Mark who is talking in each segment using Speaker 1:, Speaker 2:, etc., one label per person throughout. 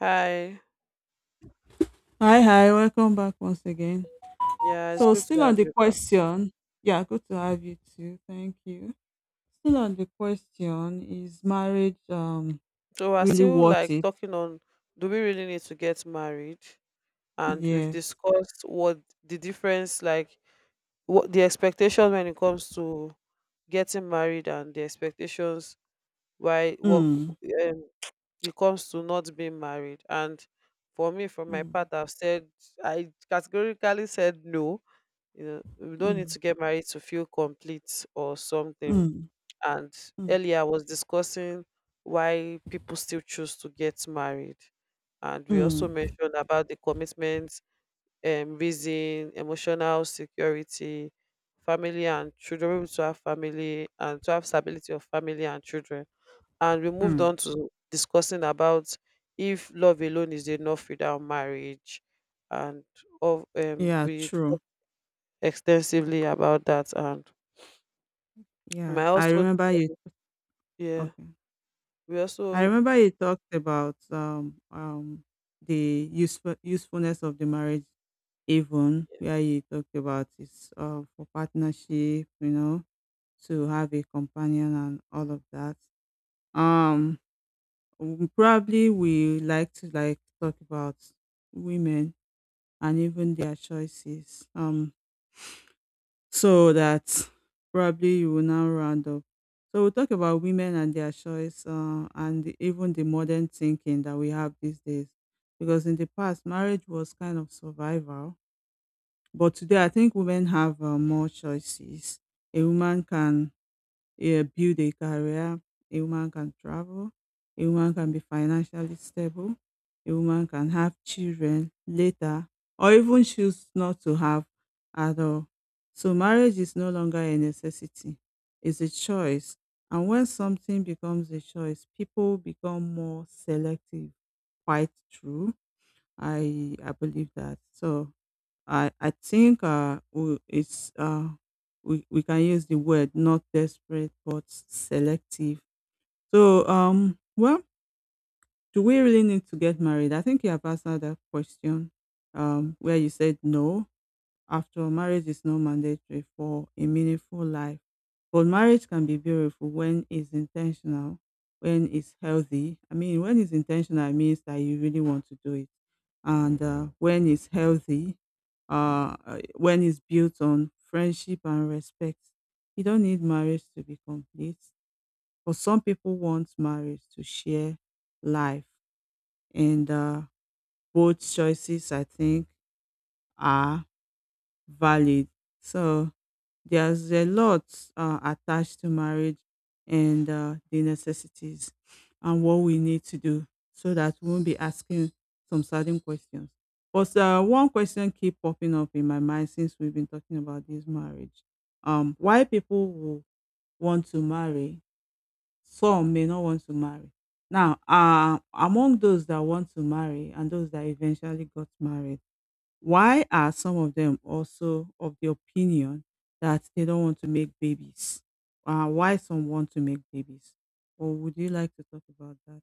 Speaker 1: Hi.
Speaker 2: Hi, hi, welcome back once again.
Speaker 1: Yeah, it's
Speaker 2: So,
Speaker 1: good to
Speaker 2: still on
Speaker 1: have
Speaker 2: the
Speaker 1: you back.
Speaker 2: question, yeah, good to have you too. Thank you. Still on the question, is marriage
Speaker 1: So we're
Speaker 2: really
Speaker 1: still
Speaker 2: worth
Speaker 1: like
Speaker 2: it?
Speaker 1: talking on, do we really need to get married? And we've
Speaker 2: Yes.
Speaker 1: discussed what the difference like what the expectation when it comes to getting married and the expectations why what
Speaker 2: Mm,
Speaker 1: um, it comes to not being married. And for me, from my part,
Speaker 2: mm,
Speaker 1: I've said I categorically said no. You know, we don't need
Speaker 2: mm,
Speaker 1: to get married to feel complete or something.
Speaker 2: mm,
Speaker 1: And
Speaker 2: mm,
Speaker 1: earlier I was discussing why people still choose to get married. And we also
Speaker 2: mm,
Speaker 1: mentioned about the commitment, reason, emotional security, family and children, being able to have family and to have stability of family and children. And we moved
Speaker 2: mm.
Speaker 1: on to discussing about if love alone is enough without marriage. And of
Speaker 2: Yeah,
Speaker 1: we
Speaker 2: true.
Speaker 1: talked extensively about that. And
Speaker 2: Yeah,
Speaker 1: my
Speaker 2: I
Speaker 1: also,
Speaker 2: remember you.
Speaker 1: yeah,
Speaker 2: Okay,
Speaker 1: we
Speaker 2: I
Speaker 1: also
Speaker 2: remember you talked about the usefulness of the marriage, even where you talked about it's for partnership, to have a companion and all of that. Um, probably we like to talk about women and even their choices. So that probably you will now round up. So we'll talk about women and their choice, and even the modern thinking that we have these days. Because in the past, marriage was kind of survival, but today I think women have more choices. A woman can, yeah, build a career. A woman can travel. A woman can be financially stable. A woman can have children later, or even choose not to have at all. So, marriage is no longer a necessity, it's a choice. And when something becomes a choice, people become more selective. Quite true. I believe that. So, I think we can use the word not desperate but selective. So do we really need to get married? I think you have answered that question, where you said no. After all, marriage is not mandatory for a meaningful life. But marriage can be beautiful when it's intentional, when it's healthy. I mean, when it's intentional, it means that you really want to do it. And when it's healthy, when it's built on friendship and respect, you don't need marriage to be complete. But some people want marriage to share life. And both choices, I think, are valid. So, there's a lot attached to marriage, and the necessities and what we need to do so that we won't be asking some certain questions. But one question keep popping up in my mind since we've been talking about this marriage. Why people will want to marry, some may not want to marry. Now, among those that want to marry and those that eventually got married, why are some of them also of the opinion that they don't want to make babies? Why some want to make babies? Or would you like to talk about that?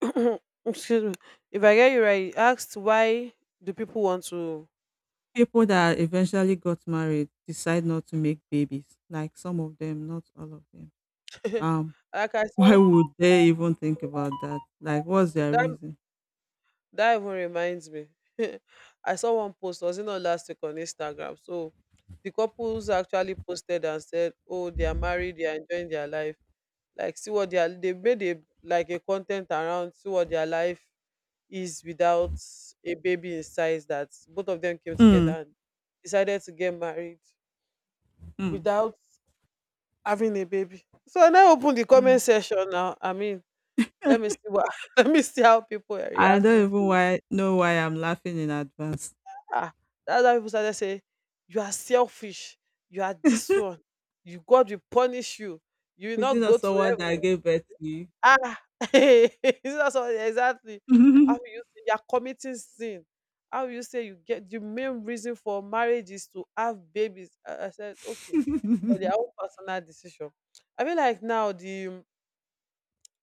Speaker 1: Excuse me. If I get you right, you asked why do people want to
Speaker 2: People that eventually got married decide not to make babies, like some of them, not all of them. Um,
Speaker 1: like I
Speaker 2: why
Speaker 1: saw
Speaker 2: would they even think about that? Like, what's their
Speaker 1: that
Speaker 2: reason?
Speaker 1: that even reminds me. I saw one post, was it not last week on Instagram? So the couples actually posted and said, oh, they are married, they are enjoying their life. Like see what they are, they made a like a content around, see what their life is without a baby in size, that both of them came together
Speaker 2: Mm,
Speaker 1: and decided to get married
Speaker 2: mm,
Speaker 1: without having a baby. So I now open the
Speaker 2: mm.
Speaker 1: comment section now. I mean, let me see what let me see how people are
Speaker 2: I
Speaker 1: reacting
Speaker 2: don't
Speaker 1: to
Speaker 2: even
Speaker 1: it.
Speaker 2: why know why I'm laughing in advance.
Speaker 1: Ah, that's how people started saying, you are selfish, you are this one, you God will punish you, you will
Speaker 2: Is it
Speaker 1: not
Speaker 2: not
Speaker 1: go to
Speaker 2: someone that
Speaker 1: heaven.
Speaker 2: gave birth to
Speaker 1: Ah, is that so? Exactly? How
Speaker 2: you?
Speaker 1: will you say you are committing sin? How will you say you get the main reason for marriage is to have babies? I said, okay, for their own personal decision. I mean, like now the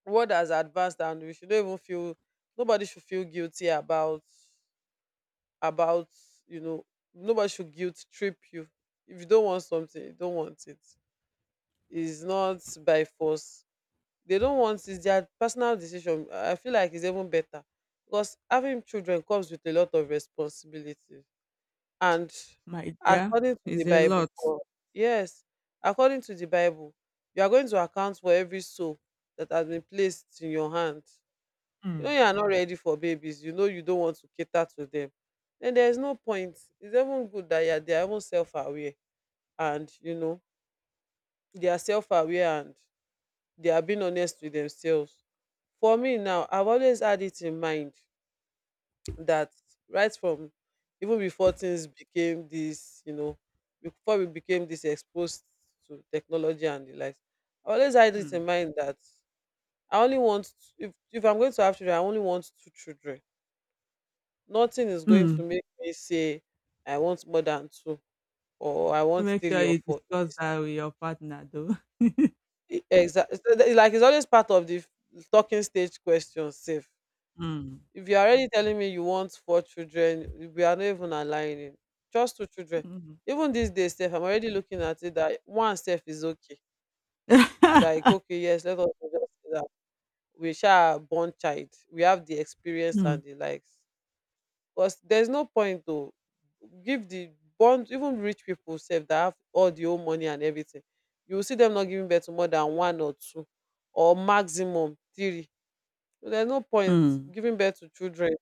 Speaker 1: world has advanced and we should not even feel, nobody should feel guilty about you know, nobody should guilt trip you. If you don't want something you don't want it, it's not by force. They don't want, it's their personal decision. I feel like it's even better because having children comes with a lot of responsibility. And
Speaker 2: My dear,
Speaker 1: according to the
Speaker 2: it's a
Speaker 1: bible
Speaker 2: lot.
Speaker 1: yes, according to the bible, you are going to account for every soul that has been placed in your hand. You know, you are
Speaker 2: Mm.
Speaker 1: not ready for babies, you know you don't want to cater to them, then there is no point. It's even good that yeah, they are even self-aware and you know, they are self-aware and they are being honest with themselves. For me now, I've always had it in mind that right from, even before things became this, you know, before we became this exposed to technology and the likes, I always had it in
Speaker 2: Mm.
Speaker 1: mind that I only want, if I'm going to have children I only want two children. Nothing is going to
Speaker 2: Mm.
Speaker 1: make me say I want more than two, or I want
Speaker 2: Make
Speaker 1: three
Speaker 2: sure
Speaker 1: or
Speaker 2: you
Speaker 1: four.
Speaker 2: discuss that with your partner though.
Speaker 1: Exactly. Like it's always part of the talking stage question. Safe.
Speaker 2: Mm.
Speaker 1: If you're already telling me you want four children, we are not even aligning. Just two children.
Speaker 2: Mm.
Speaker 1: Even these days, Steph, I'm already looking at it that one self is okay. Like, okay, yes, let us just say that we shall born child. We have the experience
Speaker 2: Mm.
Speaker 1: and the likes. Because there's no point to give the bond, even rich people sef that have all the whole money and everything, you will see them not giving birth to more than one or two, or maximum three. So there's no point
Speaker 2: Mm.
Speaker 1: giving birth to children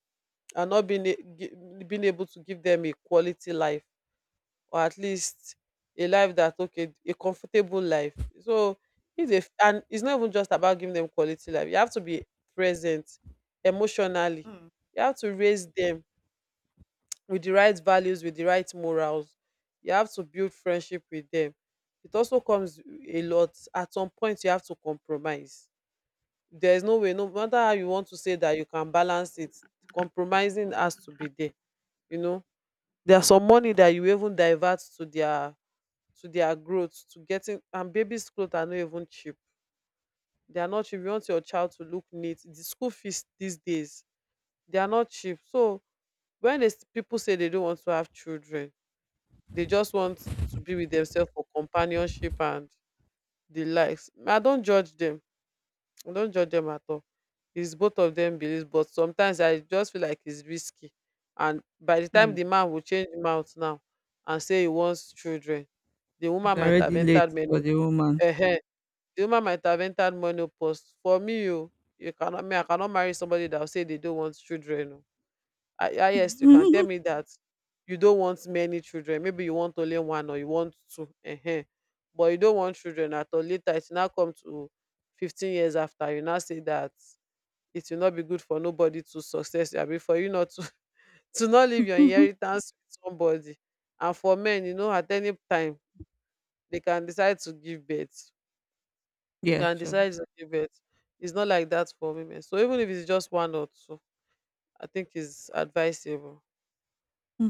Speaker 1: and not being a gi being able to give them a quality life, or at least a life that okay, a comfortable life. So if they f, and it's not even just about giving them quality life, you have to be present emotionally.
Speaker 2: Mm.
Speaker 1: You have to raise them with the right values, with the right morals. You have to build friendship with them. It also comes a lot. At some point, you have to compromise. There is no way, no matter how you want to say that you can balance it, compromising has to be there. You know, there's some money that you even divert to their growth, to getting, and babies' clothes are not even cheap. They are not cheap. You want your child to look neat. The school fees these days, they are not cheap. So when people say they don't want to have children, they just want to be with themselves for companionship and the likes. I don't judge them. I don't judge them at all. It's both of them beliefs, but sometimes I just feel like it's risky. And by the time
Speaker 2: Mm.
Speaker 1: the man will change mouth now and say he wants children, the
Speaker 2: It's
Speaker 1: woman might have
Speaker 2: already late
Speaker 1: entered many.
Speaker 2: for the woman.
Speaker 1: Uh-huh. The woman might have entered menopause. For me, you cannot. Me, I cannot marry somebody that will say they don't want children. Oh. Ah ah yes, you can tell me that you don't want many children. Maybe you want only one or you want two. Ehen. But you don't want children at all. Later, it now come to 15 years after. You now say that it will not be good for nobody to success. I mean, for you not to, to not leave your inheritance with somebody. And for men, you know, at any time, they can decide to give birth. You
Speaker 2: Yeah,
Speaker 1: can
Speaker 2: sure.
Speaker 1: decide to give birth. It's not like that for women. So even if it's just one or two, I think it's advisable.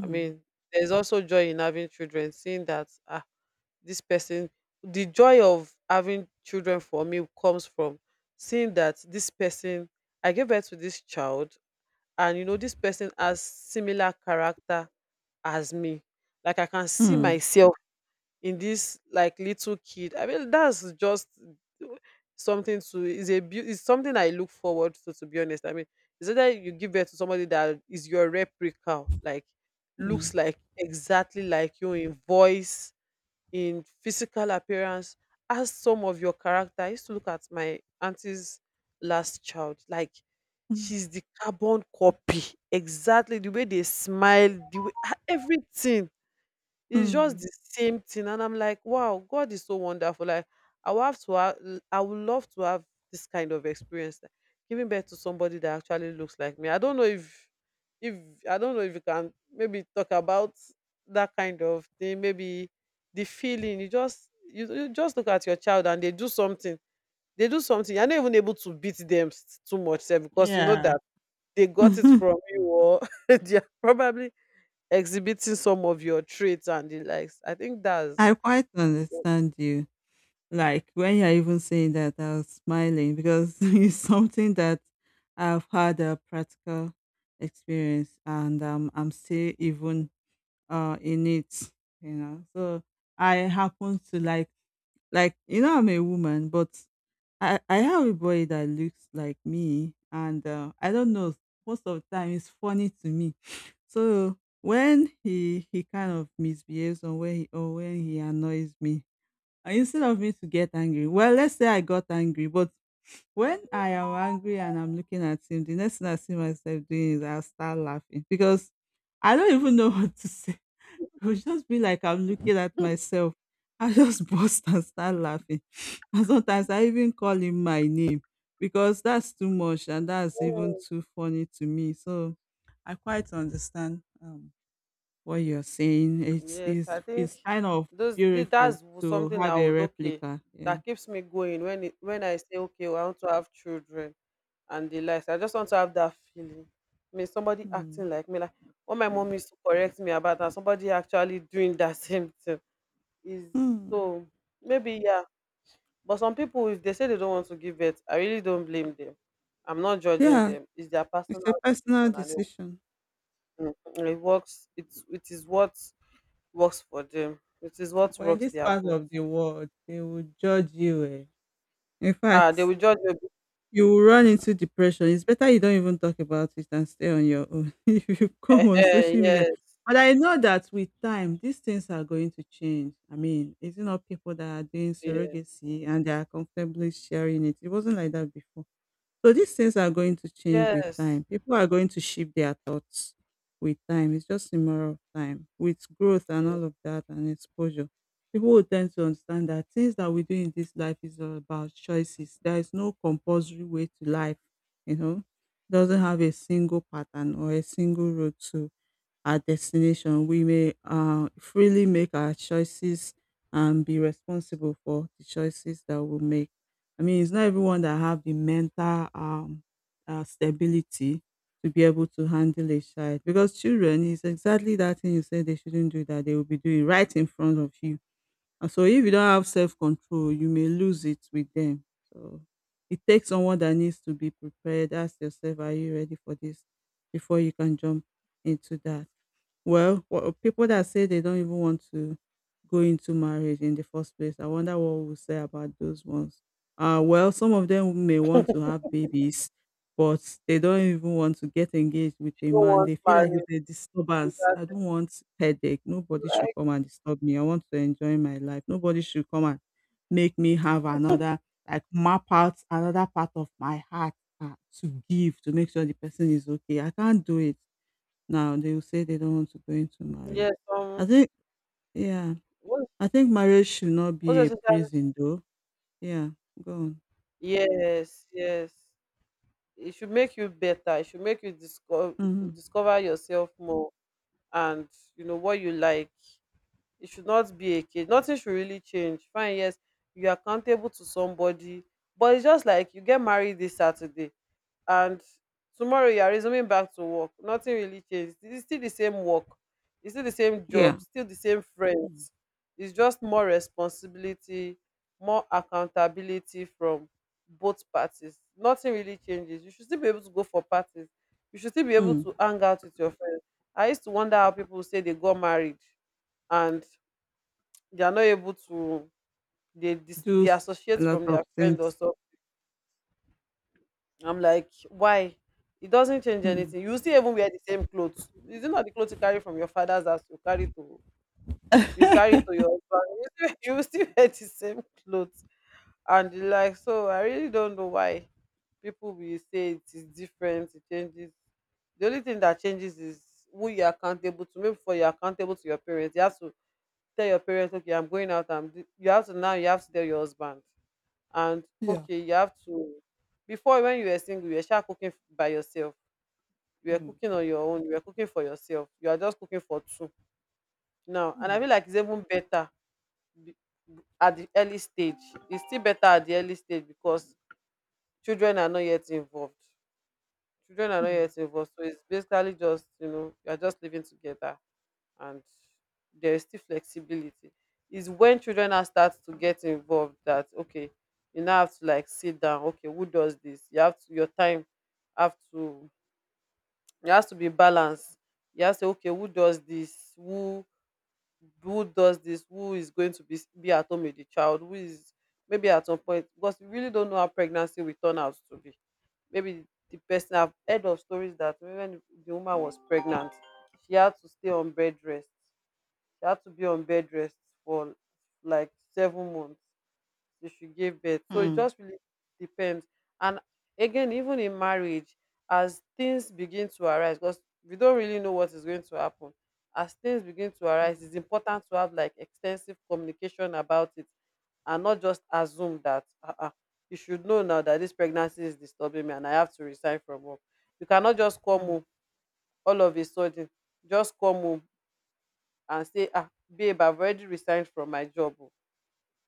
Speaker 1: I mean, there's also joy in having children, seeing that ah, this person, the joy of having children for me comes from seeing that this person, I gave birth to this child, and you know, this person has similar character as me. Like I can see
Speaker 2: Mm.
Speaker 1: myself in this like little kid. I mean that's just something to is a is something I look forward to be honest. I mean, it's either you give birth to somebody that is your replica, like,
Speaker 2: Mm.
Speaker 1: looks like exactly like you, in voice, in physical appearance, as some of your character. I used to look at my auntie's last child, like,
Speaker 2: Mm.
Speaker 1: she's the carbon copy, exactly the way they smile, the way ah, everything, it's just
Speaker 2: Mm.
Speaker 1: the same thing. And I'm like, wow, God is so wonderful. Like, I will have to have, I would love to have this kind of experience. Like, giving birth to somebody that actually looks like me. I don't know if if I don't know if you can maybe talk about that kind of thing, maybe the feeling. You just look at your child and they do something. They do something. You're not even able to beat them too much sef, because you know
Speaker 2: Yeah.
Speaker 1: that they got it from you, or they are probably exhibiting some of your traits and the likes. I think that's
Speaker 2: I quite understand you. Like when you're even saying that, I was smiling because it's something that I've had a practical experience, and I'm still even in it, you know. So I happen to, you know, I'm a woman, but I have a boy that looks like me, and I don't know, most of the time it's funny to me. So when he kind of misbehaves, or when he, or when he annoys me, and instead of me to get angry, well, let's say I got angry, but when I am angry and I'm looking at him, the next thing I see myself doing is I'll start laughing because I don't even know what to say. It would just be like I'm looking at myself. I just burst and start laughing. And sometimes I even call him my name because that's too much, and that's even
Speaker 1: Mm.
Speaker 2: too funny to me. So I quite understand, what you're saying. It's
Speaker 1: Yes. I
Speaker 2: it's
Speaker 1: think
Speaker 2: it's kind of
Speaker 1: those thi-
Speaker 2: beautiful
Speaker 1: that's w-
Speaker 2: to
Speaker 1: something I
Speaker 2: have a
Speaker 1: would, okay,
Speaker 2: replica. Yeah.
Speaker 1: that keeps me going when when I say okay, well, I want to have children and the likes. I just want to have that feeling. I mean, somebody
Speaker 2: Hmm.
Speaker 1: acting like me, like what my mom used to correct me about, and somebody actually doing that same thing is,
Speaker 2: Hmm.
Speaker 1: so maybe yeah. But some people, if they say they don't want to give birth, I really don't blame them. I'm not judging
Speaker 2: Yeah,
Speaker 1: them. It's their
Speaker 2: it's
Speaker 1: personal
Speaker 2: a personal
Speaker 1: decision, and
Speaker 2: decision.
Speaker 1: Mm, it works. It is what works for them. It is what
Speaker 2: But in
Speaker 1: rocks
Speaker 2: this
Speaker 1: their
Speaker 2: part
Speaker 1: boat.
Speaker 2: of the world, they will judge you. Eh? In
Speaker 1: Ah, they
Speaker 2: fact,
Speaker 1: will judge you.
Speaker 2: you will run into depression. It's better you don't even talk about it and stay on your own if you
Speaker 1: Eh,
Speaker 2: come on
Speaker 1: eh,
Speaker 2: social media.
Speaker 1: yes,
Speaker 2: But I know that with time, these things are going to change. I mean, it's not people that are doing
Speaker 1: yeah,
Speaker 2: surrogacy and they are comfortably sharing it. It wasn't like that before. So these things are going to change with
Speaker 1: yes.
Speaker 2: time. People are going to shift their thoughts with time. It's just a matter of time. With growth and
Speaker 1: Yeah. You
Speaker 2: all of that and exposure, people will tend to understand that things that we do in this life is all about choices. There is no compulsory way to life, you know. Doesn't have a single pattern or a single road to our destination. We may freely make our choices and be responsible for the choices that we make. I mean, it's not everyone that have the mental stability to be able to handle a child, because children is exactly that thing you said they shouldn't do that they will be doing right in front of you. And so if you don't have self-control, you may lose it with them. So it takes someone that needs to be prepared. Ask yourself, are you ready for this before you can jump into that? Well, wha people that say they don't even want to go into marriage in the first place, I wonder what we'll say about those ones. Well, some of them may want to have babies, but they don't even want to get engaged with a
Speaker 1: don't
Speaker 2: man.
Speaker 1: want
Speaker 2: They feel like it's
Speaker 1: marriage.
Speaker 2: a
Speaker 1: And
Speaker 2: disturbance. I
Speaker 1: that's
Speaker 2: don't want headache. Nobody should
Speaker 1: like
Speaker 2: come and disturb me. I want to enjoy my life. Nobody should come and make me have another, like map out another part of my heart uh, to give, to make sure the person is okay. I can't do it. Now they will say they don't want to go into marriage.
Speaker 1: yes.
Speaker 2: I think yeah.
Speaker 1: What,
Speaker 2: I think marriage should not
Speaker 1: what's
Speaker 2: be
Speaker 1: the
Speaker 2: a
Speaker 1: social-
Speaker 2: prison though. Yeah. Go on.
Speaker 1: Yes, yes. It should make you better. It should make you
Speaker 2: Hmm.
Speaker 1: discover yourself more and you know what you like. It should not be a cage. Nothing should really change. Fine, yes, you are accountable to somebody, but it's just like you get married this Saturday and tomorrow you are resuming back to work. Nothing really changed. It's still the same work, it's still the same
Speaker 2: Yeah.
Speaker 1: job, still the same
Speaker 2: Mm.
Speaker 1: friends. It's just more responsibility, more accountability from both parties. Nothing really changes. You should still be able to go for parties. You should still be able
Speaker 2: Mm.
Speaker 1: to hang out with your friends. I used to wonder how people say they got married and they are not able to
Speaker 2: Do
Speaker 1: they
Speaker 2: s- a
Speaker 1: associate
Speaker 2: lot
Speaker 1: from
Speaker 2: of
Speaker 1: their friend or
Speaker 2: things.
Speaker 1: so. I'm like, why? It doesn't change
Speaker 2: Mm.
Speaker 1: anything. You still even wear the same clothes. Is it not the clothes you carry from your father's house? You carry to your husband. You still wear the same clothes and the like. So I really don't know why people will say it is different. It changes. The only thing that changes is who you're accountable to. Maybe for you're accountable to your parents. You have to tell your parents, okay, I'm going out. You have to now. You have to tell your husband, and
Speaker 2: Yeah.
Speaker 1: okay, you have to, before, when you were single, you were sha cooking by yourself, you were
Speaker 2: Mm.
Speaker 1: cooking on your own, you were cooking for yourself. You are just cooking for two now, and I
Speaker 2: Mm.
Speaker 1: feel like it's even better be- at the early stage. It's still better at the early stage because children are not yet involved children are not yet involved So it's basically just you're just living together, and there is still flexibility. Is when children now start to get involved that, okay, you now have to like sit down. Okay, who does this? You have to your time have to, it has to be balanced. You have to say, okay, who does this? Who does this? Who is going to be at home with the child? Who is, maybe at some point, because we really don't know how pregnancy will turn out to be. Maybe the person, I've heard of stories that when the woman was pregnant, she had to stay on bed rest, she had to be on bed rest for like 7 months till she gave birth. So it
Speaker 2: Mm.
Speaker 1: just really depends. And again, even in marriage, as things begin to arise, because we don't really know what is going to happen, as things begin to
Speaker 2: Mm.
Speaker 1: arise, it's important to have like extensive communication about it, and not just assume that, you should know now that this pregnancy is disturbing me and I have to resign from work. You cannot just come
Speaker 2: Mm.
Speaker 1: home all of a sudden, just come home and say, "Ah, babe, I've already resigned from my job. Oh.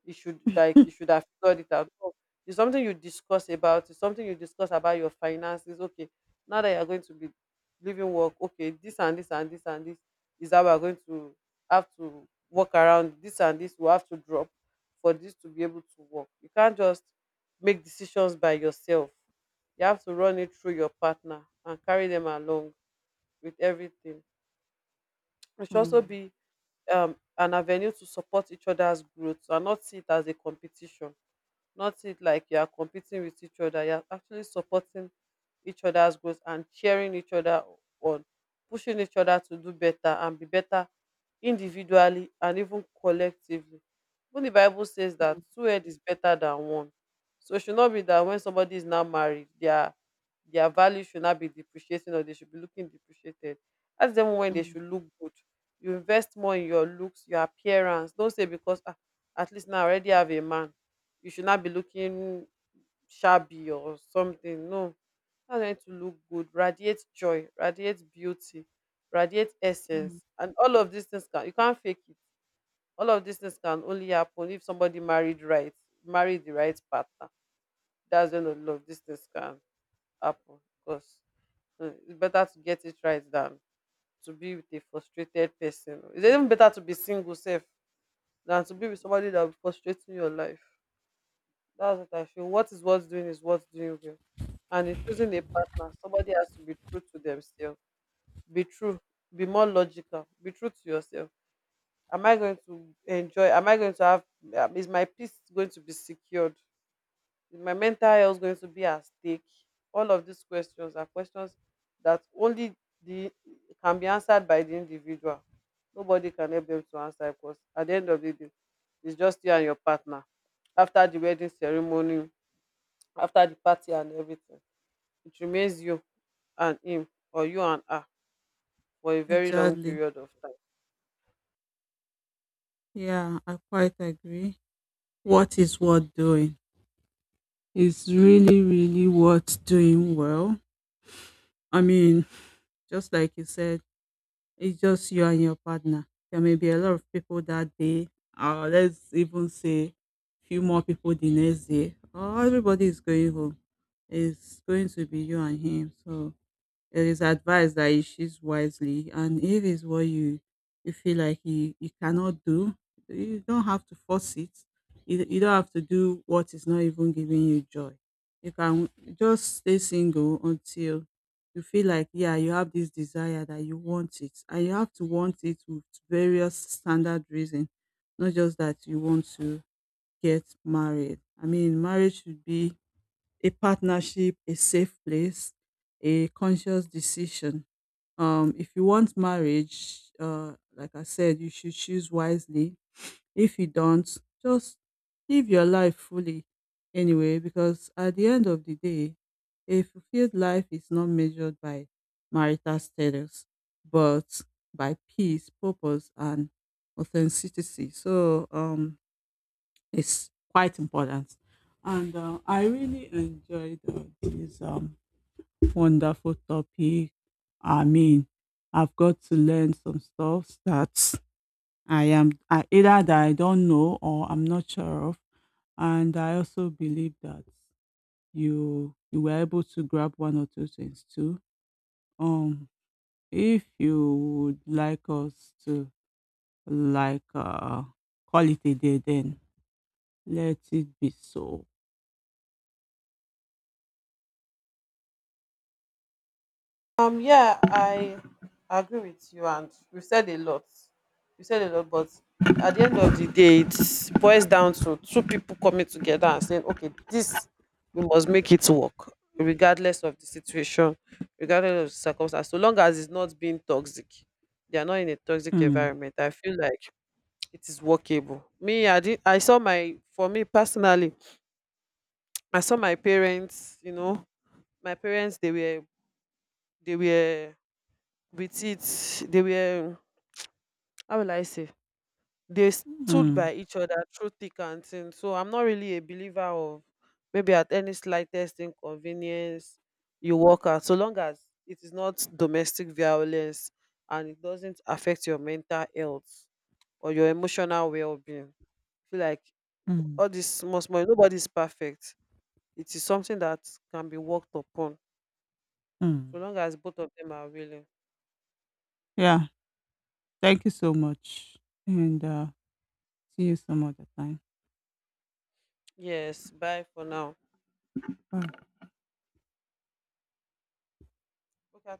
Speaker 1: You should have figured it out." Oh, it's something you discuss about. It's something you discuss about your finances. Okay, now that you're going to be leaving work, okay, this and this and this and this is how we're going to have to work around, this and this we have to drop for this to be able to work. You can't just make decisions by yourself. You have to run it through your partner and carry them along with everything. It
Speaker 2: Mm.
Speaker 1: should also
Speaker 2: Mm.
Speaker 1: be an avenue to support each other's growth and not see it as a competition, not it like you are competing with each other. You are actually supporting each other's growth and cheering each other on, pushing each other to do better and be better individually and even collectively. Even the Bible says that
Speaker 2: Mm.
Speaker 1: two head is better than one. So it should not be that when somebody is now married, their value should not be depreciating, or they should be looking depreciated. Ask them, when they
Speaker 2: Mm.
Speaker 1: should look good, you invest more in your looks, your appearance. Don't say, because at least now I already have a man, you should not be looking shabby or something. No, I need to look good, radiate joy, radiate beauty, radiate
Speaker 2: Mm.
Speaker 1: essence, and all of these things, can you can't fake it. All of these things can only happen if somebody married right, married the right partner. That's when all of these things can happen. Because it's better to get it right than to be with a frustrated person. It's even better to be single self than to be with somebody that will be frustrating your life. That's what I feel. What is what's doing well. And in choosing a partner, somebody has to be true to themselves. Be true. Be more logical. Be true to yourself. Am I going to enjoy? Am I going to have? Is my peace going to be secured? Is my mental health going to be at stake? All of these questions are questions that only the can be answered by the individual. Nobody can help them to answer, because at the end of the day, it's just you and your partner. After the wedding ceremony, after the party and everything, it remains you and him, or you and her, for a very long
Speaker 2: Exactly.
Speaker 1: period of time.
Speaker 2: Yeah, I quite agree. What is worth doing? It's really, really worth doing well. I mean, just like you said, it's just you and your partner. There may be a lot of people that day, or let's even say few more people the next day. Or everybody is going home. It's going to be you and him. So it is advised that you choose wisely, and if it's what you feel like you cannot do, you don't have to force it. You don't have to do what is not even giving you joy. You can just stay single until you feel like, yeah, you have this desire that you want it, and you have to want it with various standard reason, not just that you want to get married. I mean, marriage should be a partnership, a safe place, a conscious decision. If you want marriage, like I said, you should choose wisely. If you don't, just live your life fully anyway, because at the end of the day, a fulfilled life is not measured by marital status, but by peace, purpose, and authenticity. So, is quite important. And I really enjoyed this, wonderful topic. I mean, I've got to learn some stuff that either that I don't know or I'm not sure of. And I also believe that you were able to grab one or two things too. Um, if you would like us to like uh, call it a day, then let it be so.
Speaker 1: Yeah, I agree with you, and You said a lot, but at the end of the day, it boils down to two people coming together and saying, okay, this we must make it work, regardless of the situation, regardless of the circumstance, so long as it's not being toxic, they are not in a toxic
Speaker 2: Hmm.
Speaker 1: environment. I feel like it is workable. Me, I did. I saw my For me personally, I saw my parents. You know, my parents. They were with it. They were, how will I say, they stood
Speaker 2: Mm,
Speaker 1: by each other through thick and thin. So I'm not really a believer of, maybe at any slightest inconvenience you walk out, so long as it is not domestic violence and it doesn't affect your mental health or your emotional well-being. I feel like
Speaker 2: mm,
Speaker 1: all this small small, nobody's perfect. It is something that can be worked upon,
Speaker 2: mm.
Speaker 1: so long as both of them are willing.
Speaker 2: Yeah, thank you so much, and, see you some other time.
Speaker 1: Yes, bye for now.
Speaker 2: Bye.
Speaker 1: Okay, I think